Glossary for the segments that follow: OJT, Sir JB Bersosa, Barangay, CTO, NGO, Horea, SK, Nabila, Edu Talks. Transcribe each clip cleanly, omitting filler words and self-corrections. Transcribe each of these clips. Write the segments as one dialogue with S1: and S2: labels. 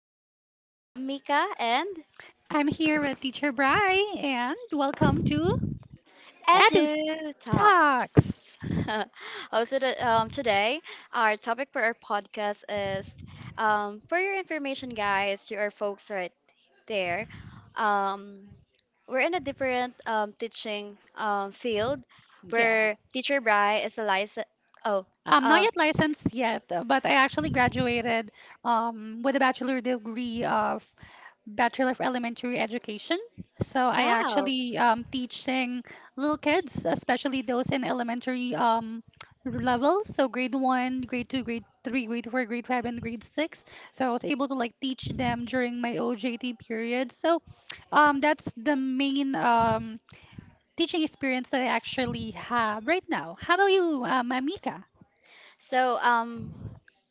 S1: I'm your mom Mika and
S2: I'm here with Teacher Bry and welcome to Edu
S1: Edu
S2: Talks.
S1: Talks. Today our topic for our podcast is, for your information, guys, to our folks right there. Um, we're in a different teaching field
S2: Yeah.
S1: where Teacher Bry is a license. Oh.
S2: I'm not
S1: um,
S2: yet licensed yet, but I actually graduated with a bachelor degree Bachelor of Elementary Education. So I
S1: Wow.
S2: actually teaching little kids, especially those in elementary levels, so grade one, grade two, grade three, grade four, grade five, and grade six. So I was able to like teach them during my OJT period. So that's the main teaching experience that I actually have right now. How about you, Amika?
S1: So, um,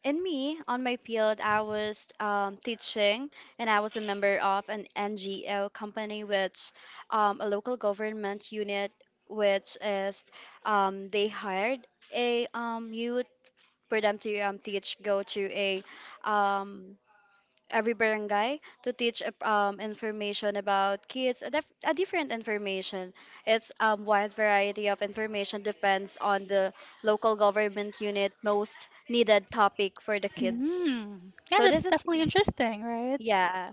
S1: in me, on my field, I was teaching and I was a member of an NGO company, which a local government unit, which is they hired a youth for them to teach, go to a um, every barangay to teach information about kids, a different information. It's wide variety of information depends on the local government unit most needed topic for the kids.
S2: Mm. Yeah,
S1: So
S2: that's
S1: this is,
S2: definitely interesting, right?
S1: yeah,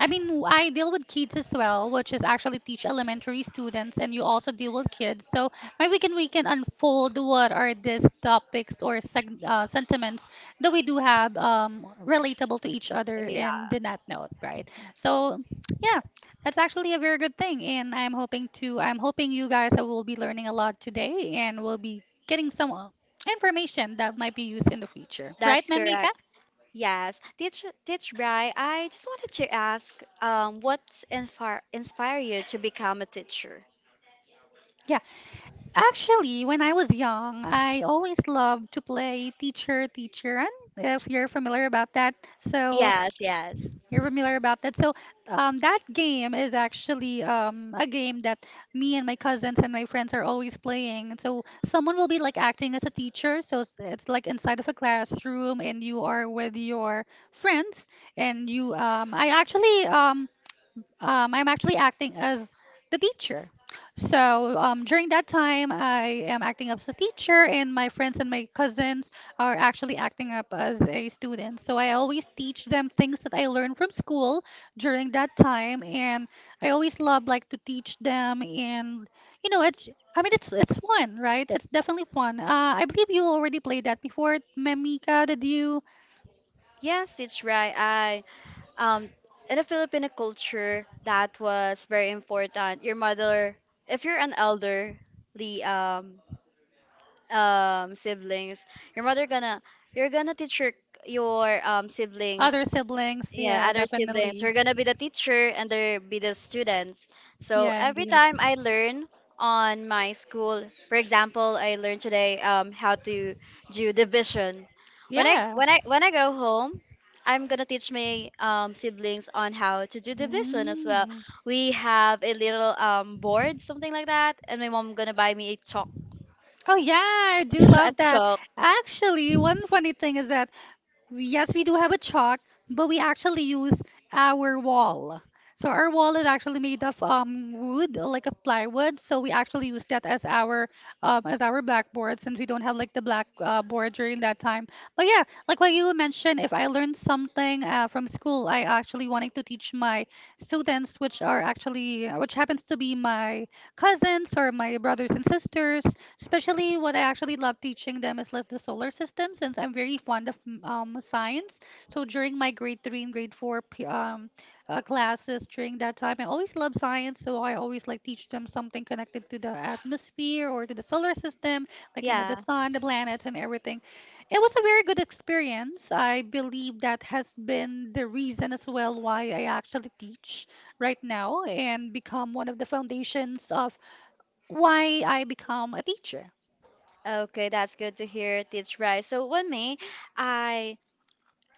S2: I mean, I deal with kids as well, which is actually teach elementary students, and you also deal with kids. So maybe we can unfold what are these topics or sentiments that we do have relatable to each other in the Nat Note, right? So yeah, that's actually a very good thing, and I'm hoping you guys will be learning a lot today, and will be getting some information that might be used in the future, right,
S1: that's
S2: Mamika?
S1: correct. Yes, teach Bri, I just wanted to ask, what's inspire you to become a teacher?
S2: Yeah. Actually, when I was young, I always loved to play teacher, teacher, and if you're familiar about that, so
S1: Yes, yes.
S2: you're familiar about that. So that game is actually a game that me and my cousins and my friends are always playing. So someone will be like acting as a teacher, so it's like inside of a classroom, and you are with your friends, and you I actually I'm actually acting as the teacher. So during that time, I am acting up as a teacher, and my friends and my cousins are actually acting up as a student. So I always teach them things that I learned from school during that time, and I always love like to teach them. And you know, it's it's fun, right? It's definitely fun. I believe you already played that before, Memika. Did you?
S1: Yes, that's right. I um in a Filipino culture that was very important. Your mother, if you're an elder, the siblings, your mother gonna teach your
S2: Other
S1: siblings
S2: siblings,
S1: yeah,
S2: yeah,
S1: other siblings.
S2: definitely.
S1: We're gonna be the teacher and they'll be the students. So
S2: Yeah,
S1: every
S2: indeed.
S1: time I learn on my school, for example, I learned today, how to do division. When I
S2: Yeah.
S1: when I when I go home, I'm gonna teach my siblings on how to do division as well.
S2: Mm.
S1: We have a little board, something like that, and my mom gonna buy me a chalk,
S2: Oh yeah, I do
S1: a
S2: love that.
S1: chalk.
S2: Actually, one funny thing is that yes, we do have a chalk, but we actually use our wall. So our wall is actually made of wood, like a plywood. So we actually use that as our blackboard since we don't have like the black board during that time. But yeah, like what you mentioned, if I learned something from school, I actually wanted to teach my students, which are actually which happens to be my cousins or my brothers and sisters. Especially what I actually love teaching them is like the solar system since I'm very fond of science. So during my grade three and grade four classes during that time, I always love science. So I always like teach them something connected to the atmosphere or to the solar system, like you know the
S1: Yeah.
S2: sun, the planets, and everything. It was a very good experience. I believe that has been the reason as well why I actually teach right now and become one of the foundations of why I become a teacher.
S1: Okay, that's good to hear, Teach Bryce. So, when me, I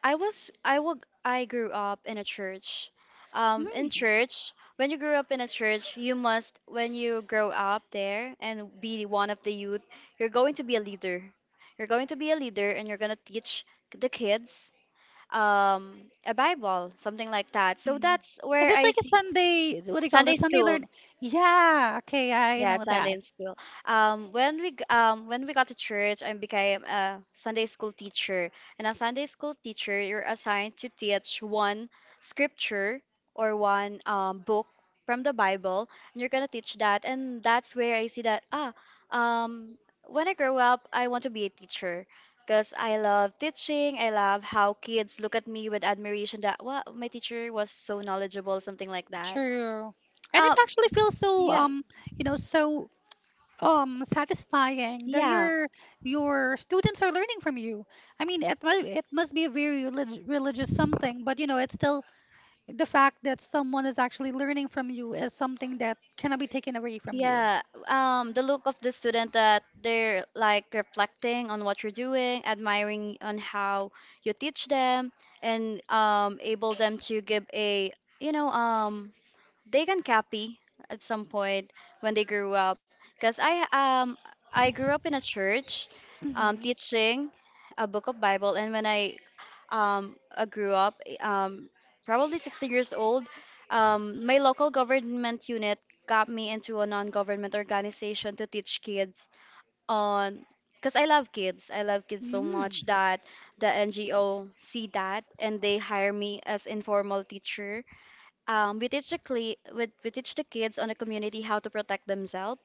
S1: I was I will I grew up in a church. In
S2: Mm.
S1: church, when you grew up in a church, you must when you grow up there and be one of the youth, you're going to be a leader. You're going to be a leader and you're going to teach the kids, a Bible, something like that. So
S2: Mm.
S1: that's
S2: Is
S1: where
S2: it
S1: I
S2: like a
S1: see
S2: Sunday? What do you call it?
S1: Sunday
S2: Sunday
S1: school.
S2: learn? Yeah. Okay, I
S1: Yeah,
S2: know
S1: Sunday
S2: that.
S1: in school. Um, when we got to church, I became a Sunday school teacher. And a Sunday school teacher, you're assigned to teach one scripture or one book from the Bible, and you're gonna teach that. And that's where I see that um, when I grow up, I want to be a teacher. Because I love teaching. I love how kids look at me with admiration that, wow, my teacher was so knowledgeable, something like that.
S2: True. And it
S1: Um,
S2: actually feels so
S1: yeah,
S2: you know, so satisfying that
S1: yeah.
S2: your students are learning from you. I mean, it must be a very religious something, but you know, it's still the fact that someone is actually learning from you is something that cannot be taken away from you.
S1: Yeah, the look of the student that they're like reflecting on what you're doing, admiring on how you teach them, and able them to give a, you know, they can copy at some point when they grew up because I grew up in a church,
S2: Mm-hmm.
S1: teaching a book of bible and when I grew up probably 16 years old, my local government unit got me into a non-government organization to teach kids on because I love kids. I love kids so
S2: Mm.
S1: much that the NGO see that and they hire me as informal teacher. We teach the kids on the community how to protect themselves.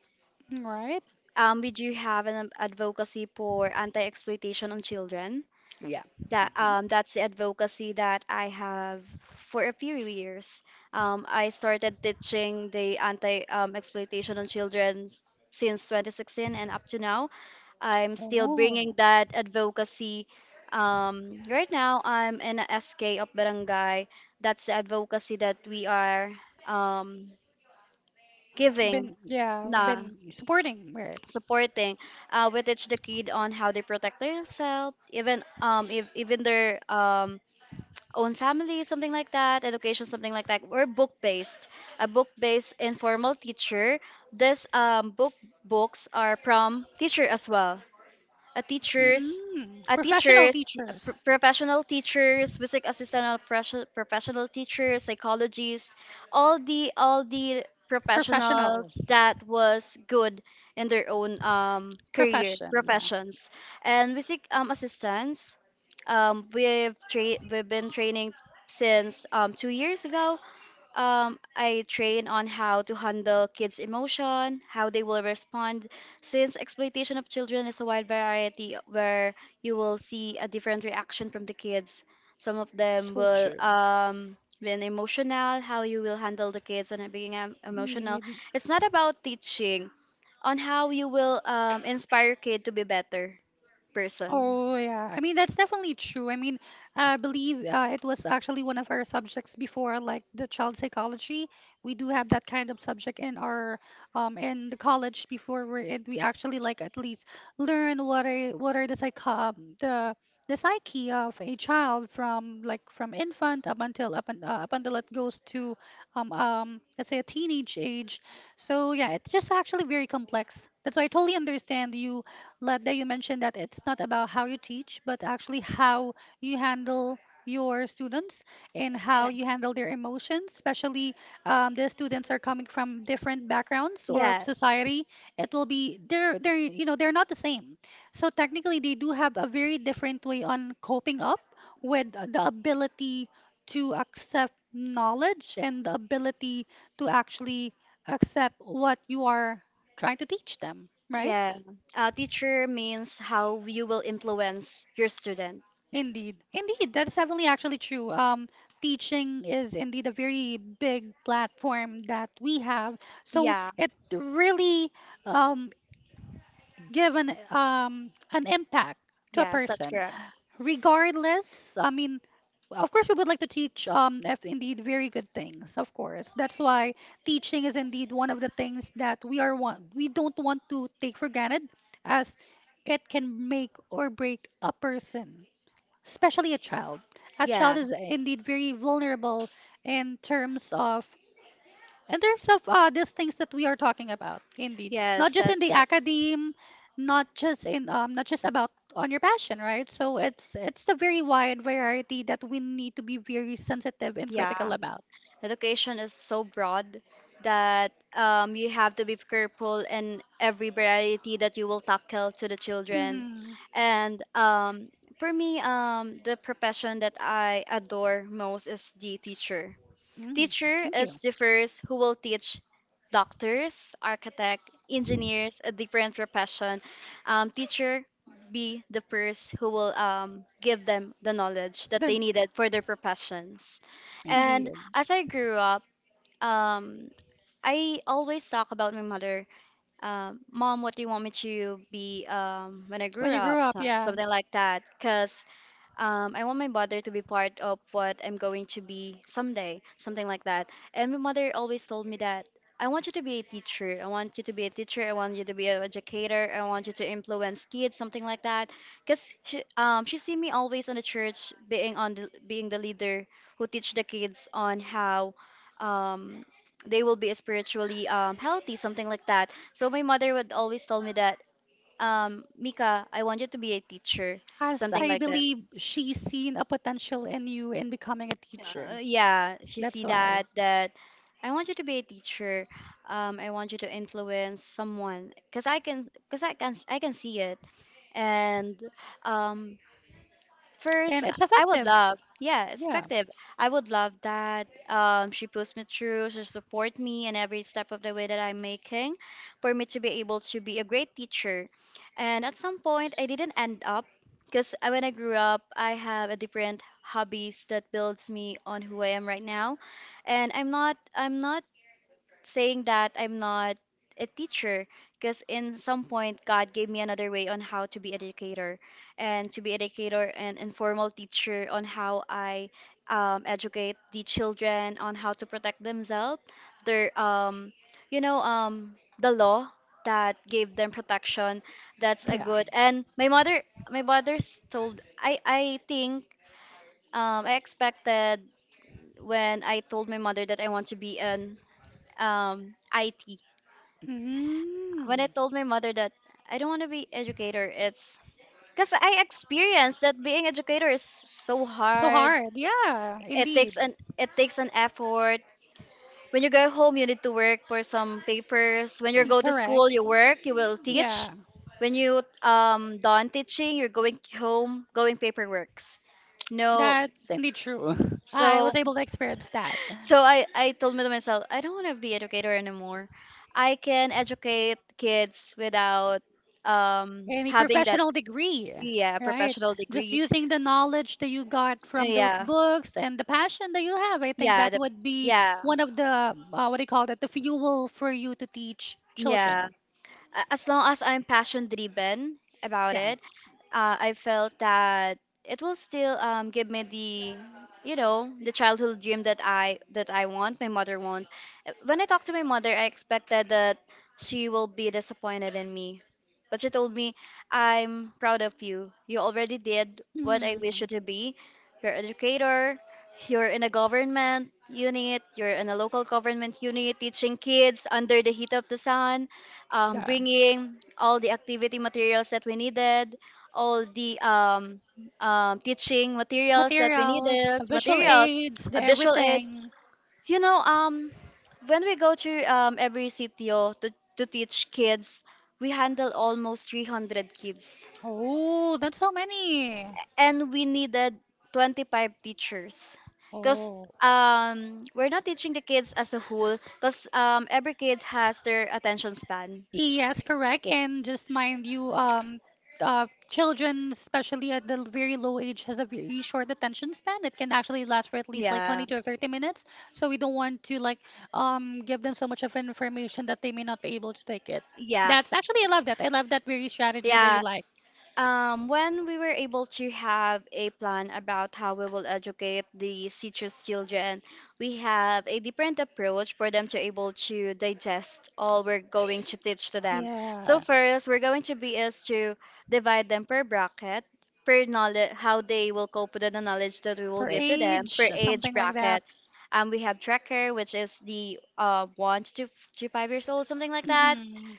S2: Right?
S1: We do have an advocacy for anti-exploitation on children.
S2: Yeah.
S1: That's the advocacy that I have for a few years. I started teaching the anti-exploitation on children since 2016 and up to now. I'm still bringing
S2: Oh,
S1: that advocacy. Right now, I'm in a SK of Barangay. That's the advocacy that we are. Um, Giving,
S2: been yeah,
S1: na
S2: been supporting right?
S1: supporting, we teach the kid on how they protect themselves, even if, even their own family, something like that, education, something like that. We're book based, a book based informal teacher. This book books are from teacher as well, a
S2: Mm.
S1: teachers,
S2: Mm,
S1: a
S2: professional
S1: teachers,
S2: teachers,
S1: professional teachers, music assistant, professional teachers, psychologists, all the
S2: professionals,
S1: professionals that was good in their own career
S2: profession. Yeah,
S1: professions, and music assistants. We've been training since, 2 years ago. I train on how to handle kids' emotion, how they will respond, since exploitation of children is a wide variety where you will see a different reaction from the kids. Some of them
S2: so
S1: will
S2: true.
S1: been emotional, how you will handle the kids and it being emotional.
S2: Indeed.
S1: It's not about teaching, on how you will inspire kid to be better person.
S2: Oh, yeah. I mean, that's definitely true. I mean, I believe it was actually one of our subjects before, like the child psychology. We do have that kind of subject in our in the college before we're in. We actually like at least learn what are the psych the psyche of a child from like from infant up until up until it goes to let's say a teenage age. So yeah, it's just actually very complex. That's why I totally understand you Ladda, you mentioned that it's not about how you teach, but actually how you handle your students and how
S1: Eh,
S2: you handle their emotions, especially the students are coming from different backgrounds or of
S1: yes.
S2: society. It will be they're you know they're not the same. So technically, they do have a very different way on coping up with the ability to accept knowledge and the ability to actually accept what you are trying to teach them, right?
S1: Yeah. Teacher means how you will influence your student.
S2: Indeed. Indeed, that's definitely actually true. Teaching is indeed a very big platform that we have. So
S1: Yeah.
S2: it really um, give an impact to a
S1: Yes, that's
S2: person.
S1: correct.
S2: Regardless, I mean, of course, we would like to teach if indeed very good things, of course. That's why teaching is indeed one of the things that we don't want to take for granted as it can make or break a person especially a child. A child
S1: Yeah.
S2: is indeed very vulnerable in terms of these things that we are talking about. Indeed, not
S1: Yes,
S2: just in
S1: that's
S2: the
S1: correct.
S2: academe, not just in not just about on your passion, right? So it's a very wide variety that we need to be very sensitive and
S1: Yeah.
S2: critical about.
S1: Education is so broad that, you have to be careful in every variety that you will tackle to the children.
S2: Hmm.
S1: And for me, the profession that I adore most is the teacher.
S2: Mm.
S1: Teacher
S2: Thank
S1: is
S2: you.
S1: the first who will teach doctors, architect, engineers, a different profession. Teacher be the first who will give them the knowledge that they
S2: Then
S1: needed for their professions. And
S2: indeed.
S1: as I grew up, um, I always talk about my mother. Mom, what do you want me to be when I
S2: When
S1: grew
S2: you grew
S1: up?
S2: up,
S1: So,
S2: yeah.
S1: something like that. Because, I want my mother to be part of what I'm going to be someday, something like that. And my mother always told me that I want you to be a teacher. I want you to be a teacher. I want you to be an educator. I want you to influence kids, something like that. Cause she see me always on the church being on the, being the leader who teach the kids on how, um, they will be spiritually healthy, something like that. So my mother would always tell me that, Mika, I want you to be a teacher,
S2: As
S1: something
S2: I
S1: like that.
S2: believe she's seen a potential in you in becoming a teacher.
S1: Yeah, she see
S2: That's why.
S1: that that I want you to be a teacher. I want you to influence someone because I can see it and, um, First,
S2: And it's
S1: I would
S2: effective.
S1: love, yeah,
S2: Yeah.
S1: perspective. I would love that, she pushed me through, she support me in every step of the way that I'm making for me to be able to be a great teacher. And at some point, I didn't end up because when I grew up, I have a different hobbies that builds me on who I am right now. And I'm not saying that I'm not a teacher because in some point God gave me another way on how to be educator and to be educator and informal teacher on how I, educate the children on how to protect themselves their you know the law that gave them protection that's a
S2: Yeah.
S1: good and my mother, my mother's told, I think, I expected when I told my mother that I want to be an IT,
S2: Mm.
S1: when I told my mother that I don't want to be educator, it's because I experienced that being educator is so
S2: So
S1: hard.
S2: hard. Yeah,
S1: It
S2: indeed.
S1: takes an it takes an effort. When you go home, you need to work for some papers. When you
S2: Mm,
S1: go to
S2: correct.
S1: school, you work. You will teach.
S2: Yeah.
S1: When you done teaching, you're going home, going paperworks. No,
S2: That's indeed true. I was
S1: so
S2: able to experience that.
S1: so I told me to myself, I don't want to be educator anymore. I can educate kids without
S2: Any
S1: having that,
S2: professional degree,
S1: yeah,
S2: right?
S1: professional
S2: Just
S1: degree.
S2: using the knowledge that you got from those
S1: Yeah,
S2: books and the passion that you have, I think
S1: yeah,
S2: that
S1: the,
S2: would be
S1: yeah,
S2: one of the, what do you call that, the fuel for you to teach
S1: yeah.
S2: children.
S1: a- As long as I'm passion driven about
S2: Yeah.
S1: it, I felt that it will still, give me the you know the childhood dream that I want my mother wants. When I talked to my mother, I expected that she will be disappointed in me, but she told me, "I'm proud of you. You already did what I
S2: Hmm.
S1: wish you to be. You're an educator. You're in a government unit. You're in a local government unit teaching kids under the heat of the sun, bringing all the activity materials that we needed, all the teaching materials that we
S2: Materials,
S1: needed,
S2: the visual
S1: materials,
S2: aids, the
S1: visual aids.
S2: everything.
S1: You know, when we go to every sitio to teach kids, we handle almost 300 kids.
S2: Oh, that's so many.
S1: And we needed 25 teachers because,
S2: Oh.
S1: we're not teaching the kids as a whole because every kid has their attention span.
S2: Yes, correct. And just mind you, children, especially at the very low age, has a very short attention span. It can actually last for at least like 20
S1: Yeah,
S2: to 30 minutes. So we don't want to like give them so much of information that they may not be able to take it.
S1: yeah,
S2: That's actually I love that. I love that very strategy that you
S1: yeah.
S2: like.
S1: When we were able to have a plan about how we will educate the citrus children, we have a different approach for them to able to digest all we're going to teach to them. So
S2: Yeah.
S1: first, we're going to be is to divide them per bracket, per knowledge, how they will cope with the knowledge that we will
S2: Per
S1: give to them, per
S2: age,
S1: age
S2: something like that.
S1: bracket. We have tracker, which is the one to 5 years old, something like that,
S2: Hmm.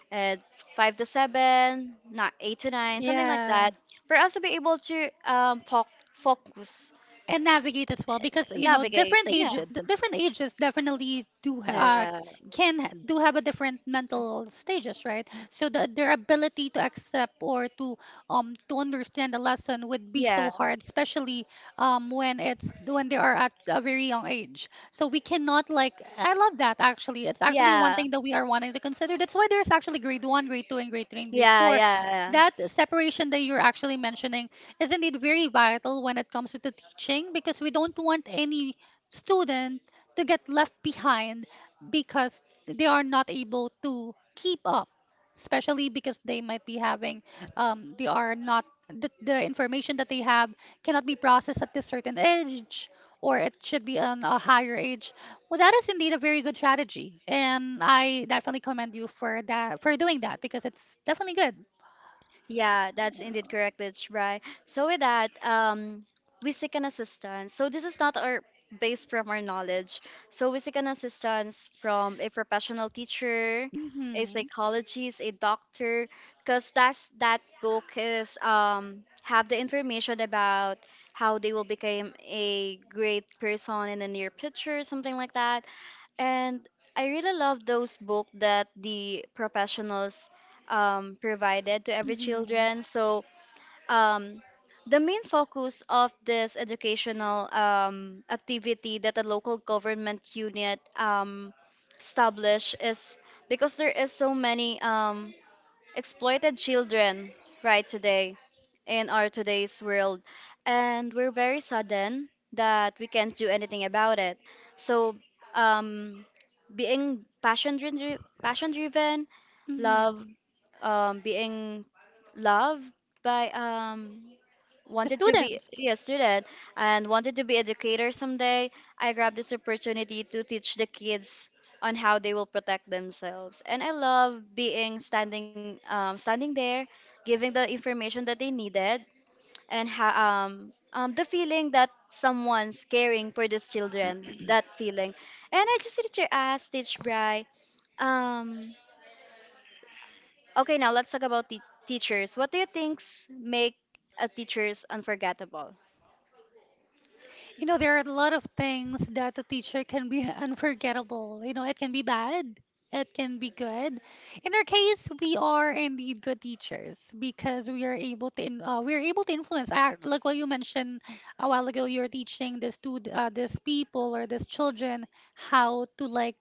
S1: 5 to 7, not 8 to 9, something like
S2: Yeah.
S1: that, for us to be able to focus,
S2: And navigate as well because you know
S1: navigate.
S2: different
S1: Yeah,
S2: ages different ages definitely do ha-
S1: yeah,
S2: can ha- do have a different mental stages right so their ability to accept or to understand a lesson would be so
S1: yeah,
S2: hard especially when it's when they are at a very young age so we cannot like I love that. Actually, it's actually one
S1: yeah,
S2: thing that we are wanting to consider. That's why there's actually grade 1 grade 2 and grade 3 and grade
S1: yeah,
S2: 4,
S1: yeah, yeah.
S2: that separation that you're actually mentioning is not it very vital when it comes to the teaching because we don't want any student to get left behind because they are not able to keep up especially because they might be having they are not the information that they have cannot be processed at this certain age or it should be on a higher age. Well, that is indeed a very good strategy and I definitely commend you for that, for doing that, because it's definitely good.
S1: Yeah, that's indeed correct, that's right. So with that, we seek an assistance. So this is not our based from our knowledge. So we seek an assistance from a professional teacher, a
S2: Hmm.
S1: psychologist, a doctor, because that's that book is have the information about how they will become a great person in the near future, something like that. And I really love those books that the professionals provided to every
S2: Hmm.
S1: children. So um, the main focus of this educational activity that the local government unit established is because there is so many exploited children right today in our today's world and we're very sudden that we can't do anything about it. So um, being passion driven, passion driven, love,
S2: Hmm.
S1: being loved by um,
S2: The
S1: wanted to be
S2: students.
S1: a student and wanted to be educator someday, I grabbed this opportunity to teach the kids on how they will protect themselves. And I love being standing standing there giving the information that they needed. And the feeling that someone's caring for these children, that feeling. And I just need to ask teach bry, um, okay now let's talk about the teachers. What do you think make a teachers unforgettable?
S2: You know, there are a lot of things that the teacher can be unforgettable. You know, it can be bad, it can be good. In our case, we are indeed good teachers because we are able to we are able to influence. Like what you mentioned a while ago, you're teaching this to this people or this children how to like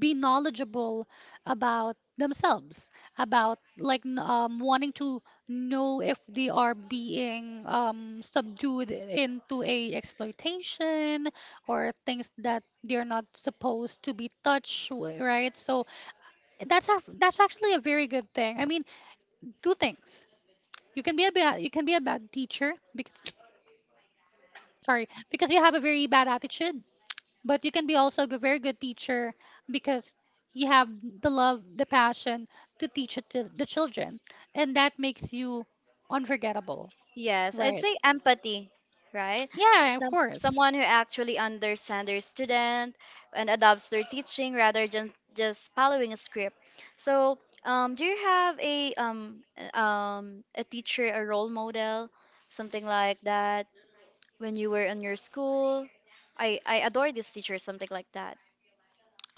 S2: be knowledgeable about themselves about like wanting to know if they are being subdued into a exploitation or things that they're not supposed to be touched right so that's that's actually a very good thing. I mean, two things. You can be a bad you can be a bad teacher because sorry because you have a very bad attitude, but you can be also a very good teacher because you have the love, the passion to teach it to the children, and that makes you unforgettable,
S1: Yes, I'd
S2: right?
S1: say empathy, right?
S2: Yeah, of
S1: Some
S2: course.
S1: someone who actually understands their student and adopts their teaching rather than just following a script. So, do you have a teacher, a role model, something like that when you were in your school? I adore this teacher, something like that,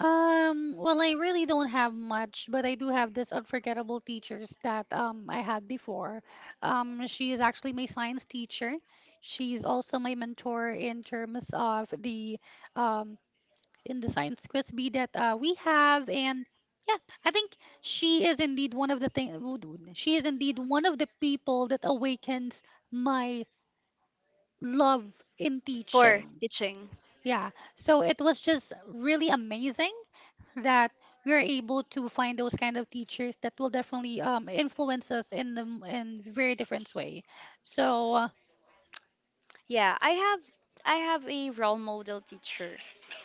S2: well, I really don't have much but I do have this unforgettable teachers that I had before. She is actually my science teacher. She's also my mentor in terms of the um in the science quiz bee that we have. And yeah, I think she is indeed one of the thing. She is indeed one of the people that awakens my love in
S1: for
S2: teaching.
S1: teaching.
S2: Yeah. So it was just really amazing that we're able to find those kind of teachers that will definitely influence us in the in very different way. So uh,
S1: Yeah, I have a role model teacher.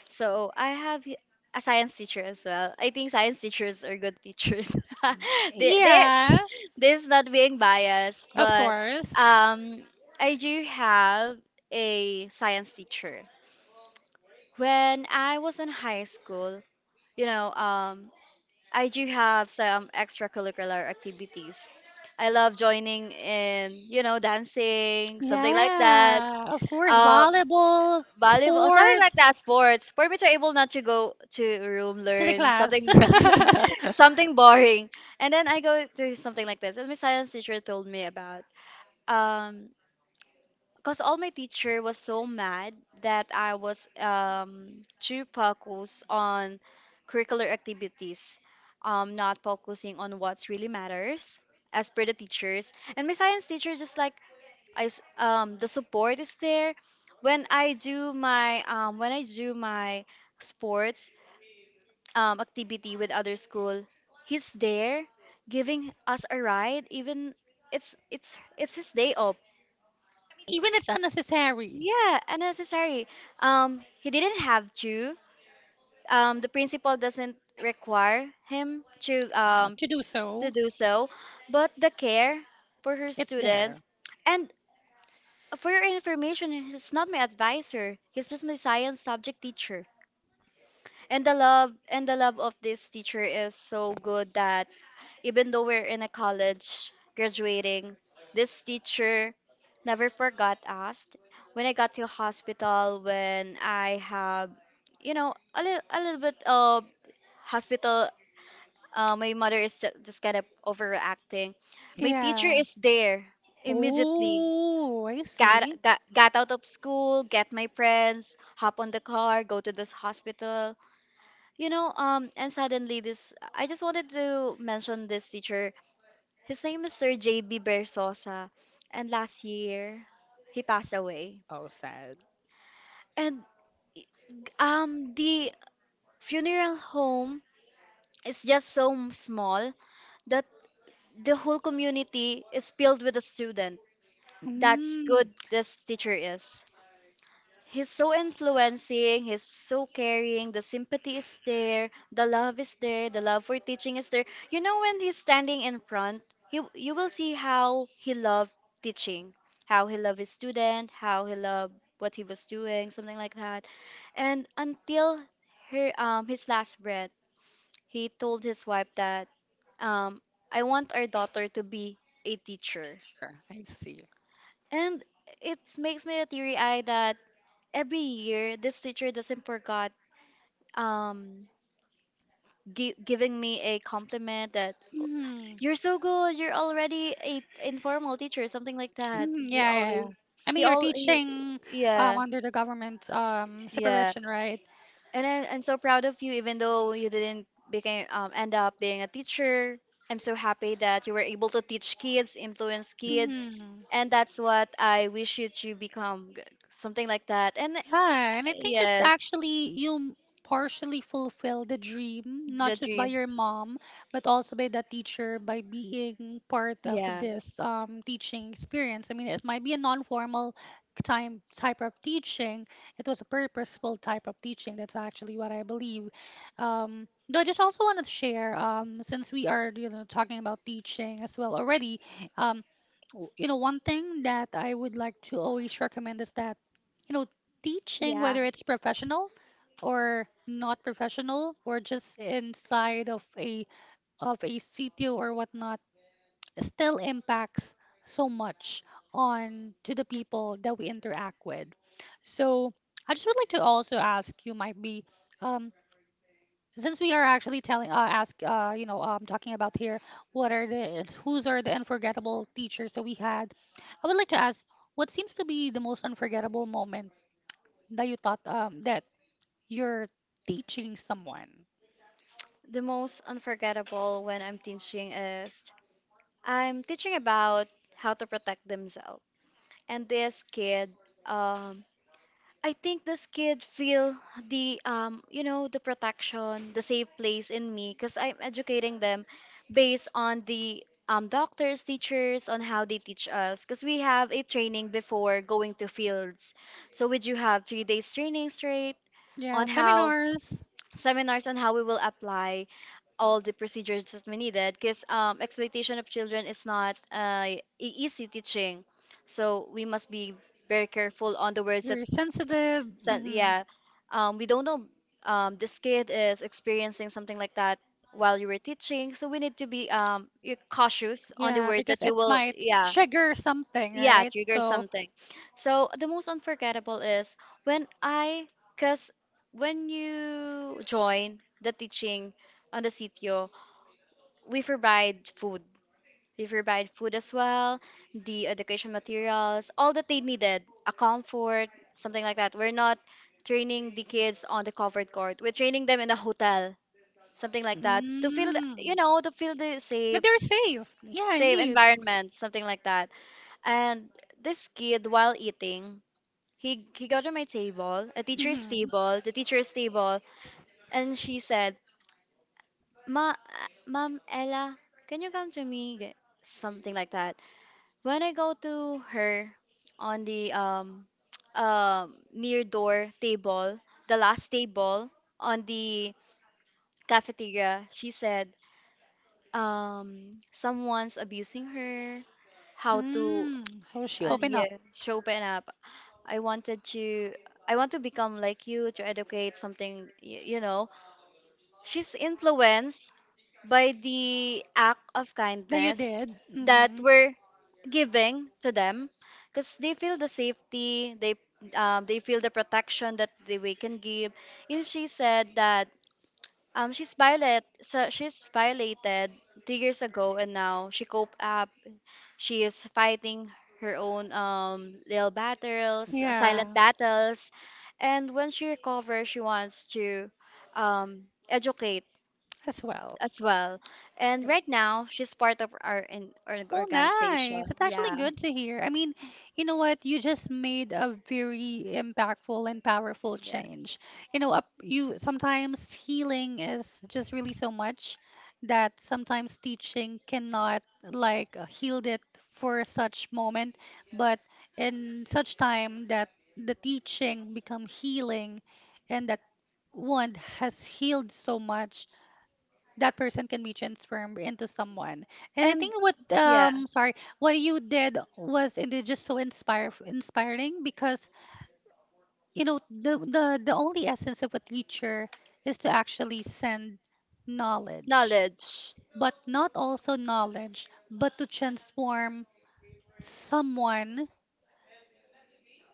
S1: So I have a science teacher as well. I think science teachers are good teachers. They
S2: yeah,
S1: this is not being biased,
S2: of
S1: but
S2: course.
S1: um I do have a science teacher. When I was in high school, you know, I do have some extracurricular activities. I love joining in, you know, dancing, something like that.
S2: Yeah, of course.
S1: Um,
S2: Volleyball,
S1: volleyball, something like
S2: sports.
S1: that, sports. For me to able not to go to room,
S2: To the
S1: learn
S2: class.
S1: something, something boring, and then I go to something like this. And my science teacher told me about um, cause all my teacher was so mad that I was too focused on curricular activities, not focusing on what's really matters as per the teachers. And my science teacher just like I s the support is there. When I do my sports activity with other school, he's there giving us a ride even it's his day off.
S2: Even it's unnecessary
S1: Yeah, unnecessary. He didn't have to. The principal doesn't require him
S2: to do
S1: to
S2: so,
S1: do so, but the care for her
S2: it's
S1: students.
S2: there.
S1: And for your information, he's not my advisor. He's just my science subject teacher. And the love of this teacher is so good that even though we're in a college graduating, this teacher never forgot us. When I got to hospital, when I have, you know, a little bit of hospital, my mother is just kind of overreacting. My teacher
S2: Yeah.
S1: is there immediately.
S2: Oh, I see.
S1: Got out of school, get my friends, hop on the car, go to this hospital. You know, and suddenly this I just wanted to mention this teacher. His name is Sir JB Bersosa, and last year he passed away.
S2: Oh, sad.
S1: And the funeral home is just so small that the whole community is filled with a student. That's
S2: Mm,
S1: good this teacher is. He's so influencing, he's so caring, the sympathy is there, the love is there, the love for teaching is there. You know when he's standing in front, you will see how he loved teaching, how he loved his student, how he loved what he was doing, something like that. And until her his last breath, he told his wife that um I want our daughter to be a teacher.
S2: I see.
S1: And it makes me teary eye that every year this teacher doesn't forget um giving me a compliment that
S2: Mm.
S1: you're so good, you're already a informal teacher, something like that.
S2: Mhm.
S1: He
S2: Yeah, yeah, yeah.
S1: always
S2: I mean,
S1: he
S2: you're
S1: all he,
S2: teaching
S1: yeah,
S2: under the government
S1: yeah.
S2: supervision, right?
S1: And I, I'm so proud of you even though you didn't became end up being a teacher. I'm so happy that you were able to teach kids, influence kids,
S2: Mhm.
S1: and that's what I wish you to become, something like that. And
S2: Yeah, and I think it's
S1: yes,
S2: actually partially fulfill the dream, not
S1: the
S2: just by
S1: dream.
S2: your mom, but also by the teacher by being part of
S1: Yes.
S2: this teaching experience. I mean, it might be a non-formal time type of teaching. It was a purposeful type of teaching. That's actually what I believe. Though I just also want to share, since we are, you know, talking about teaching as well already, um, you know, one thing that I would like to always recommend is that you know teaching,
S1: Yeah.
S2: whether it's professional or not professional, or just inside of a CTO or whatnot, still impacts so much on to the people that we interact with. So I just would like to also ask you might be um, since we are actually telling ask you know talking about here what are the whose are the unforgettable teachers that we had. I would like to ask what seems to be the most unforgettable moment that you thought that you're teaching someone.
S1: The most unforgettable when I'm teaching is I'm teaching about how to protect themselves. And this kid, um, I think this kid feel the you know the protection, the safe place in me because I'm educating them based on the doctors, teachers on how they teach us because we have a training before going to fields. So we do have 3 days training straight
S2: Yeah,
S1: on how,
S2: seminars.
S1: seminars on how we will apply all the procedures that we needed because exploitation of children is not easy teaching. So we must be very careful on the words that,
S2: You're sensitive.
S1: so,
S2: Hmm.
S1: yeah, we don't know this kid is experiencing something like that while you were teaching. So we need to be cautious on the
S2: Yeah,
S1: word
S2: because
S1: that you
S2: it
S1: will,
S2: might
S1: yeah,
S2: trigger something,
S1: yeah,
S2: right?
S1: trigger
S2: So,
S1: something. So the most unforgettable is when I, because when you join the teaching on the sitio, we provide food, as well, the education materials, all that they needed, a comfort, something like that. We're not training the kids on the covered court. We're training them in a hotel, something like that, to feel, the,
S2: mm,
S1: you know, to feel the
S2: but
S1: safe,
S2: they're safe. Yeah,
S1: safe
S2: indeed.
S1: environment, something like that. And this kid, while eating, he got on my table, a teacher's
S2: Hmm.
S1: table, the teacher's table, and she said, "Ma, ma'am Ella, can you come to me?" Something like that. When I go to her on the near door table, the last table on the cafeteria, she said someone's abusing her. How to
S2: Mm, so she opened up.
S1: yeah, show open up. I wanted to I want to become like you to educate something you know. She's influenced by the act of
S2: That you
S1: kindness
S2: did.
S1: that
S2: Hmm.
S1: we're giving to them because they feel the safety, they feel the protection that they, we can give. And she said that she's violated 2 years ago and now she cope up, she is fighting her own little battles, silent
S2: Yeah.
S1: battles. And when she recovers she wants to um, educate
S2: As well.
S1: as well. And right now, she's part of our our
S2: Oh,
S1: organization.
S2: nice. It's actually
S1: Yeah,
S2: good to hear. I mean, you know what? You just made a very impactful and powerful
S1: yeah.
S2: change. You know, up you sometimes healing is just really so much that sometimes teaching cannot like healed it for such moment, but in such time that the teaching become healing and that one has healed so much that person can be transformed into someone. And I think what sorry, what you did was it is just so inspire inspiring because you know the only essence of a teacher is to actually send knowledge, but not also knowledge, someone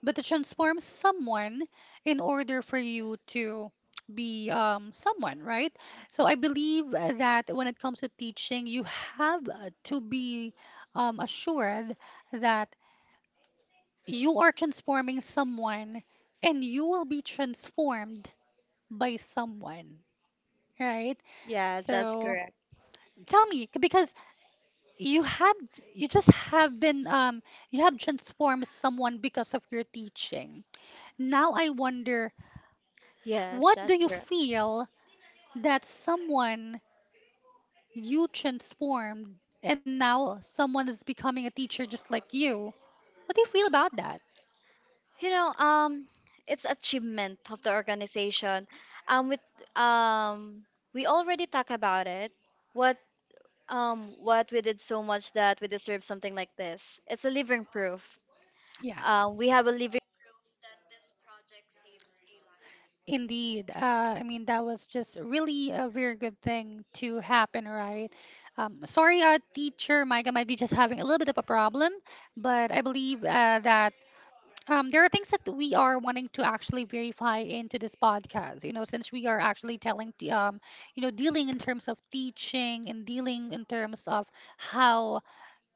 S2: but to transform someone in order for you to be someone, right? So I believe that when it comes to teaching, you have to be assured that you are transforming someone and you will be transformed by someone, right? So tell me, because you have, you just have been, you have transformed someone because of your teaching. Now I wonder what do you feel that someone you transformed and now someone is becoming a teacher just like you? What do you feel about that? Yeah. Indeed. I mean, that was just really a very good thing to happen, right? Sorry, teacher Micah might be just having a little bit of a problem, but I believe that um, there are things that we are wanting to actually verify into this podcast, you know, since we are actually telling, the, you know, dealing in terms of teaching and dealing in terms of how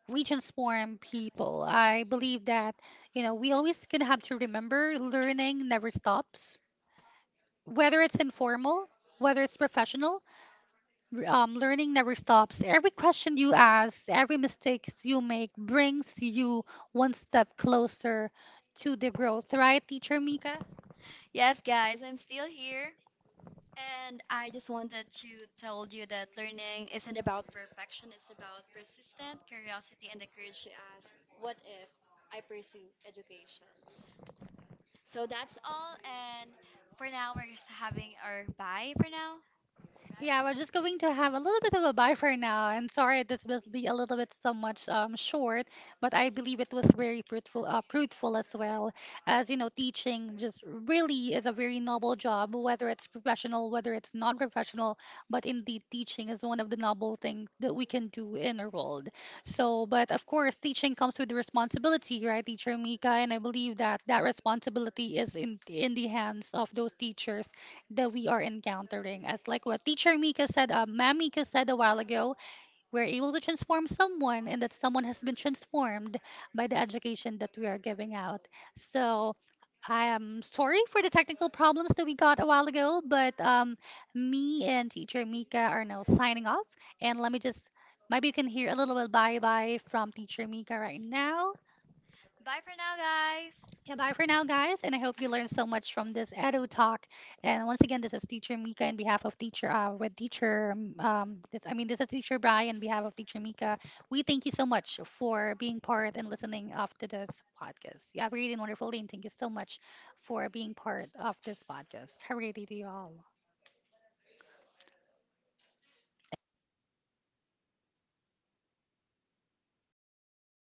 S2: we transform people. I believe that, you know, we always gonna have to remember learning never stops, whether it's informal, whether it's professional, learning never stops. Every question you ask, every mistakes you make brings you one step closer to the growth, right, Teacher Mika? Yeah, we're just going to have a little bit of a bye for now. And sorry, this will be a little bit so much short, but I believe it was very fruitful, fruitful as well. As you know, teaching just really is a very noble job, whether it's professional, whether it's non-professional. But indeed, teaching is one of the noble things that we can do in the world. So, but of course, teaching comes with responsibility, right, Teacher Mika? And I believe that that responsibility is in the hands of those teachers that we are encountering. As like what teacher Mika said, Ma'am Mika said a while ago, we're able to transform someone and that someone has been transformed by the education that we are giving out. So I am sorry for the technical problems that we got a while ago, but me and teacher Mika are now signing off. And let me just, maybe you can hear a little bit bye-bye from teacher Mika right now. Yeah, bye for now, guys, and I hope you learned so much from this Edu talk. And once again, this is Teacher Mika in behalf of Teacher I mean this is Teacher Brian in behalf of Teacher Mika. We thank you so much for being part and listening of to this podcast. You have a great and wonderful day, and thank you so much for being part of this podcast. Have a great day to you all.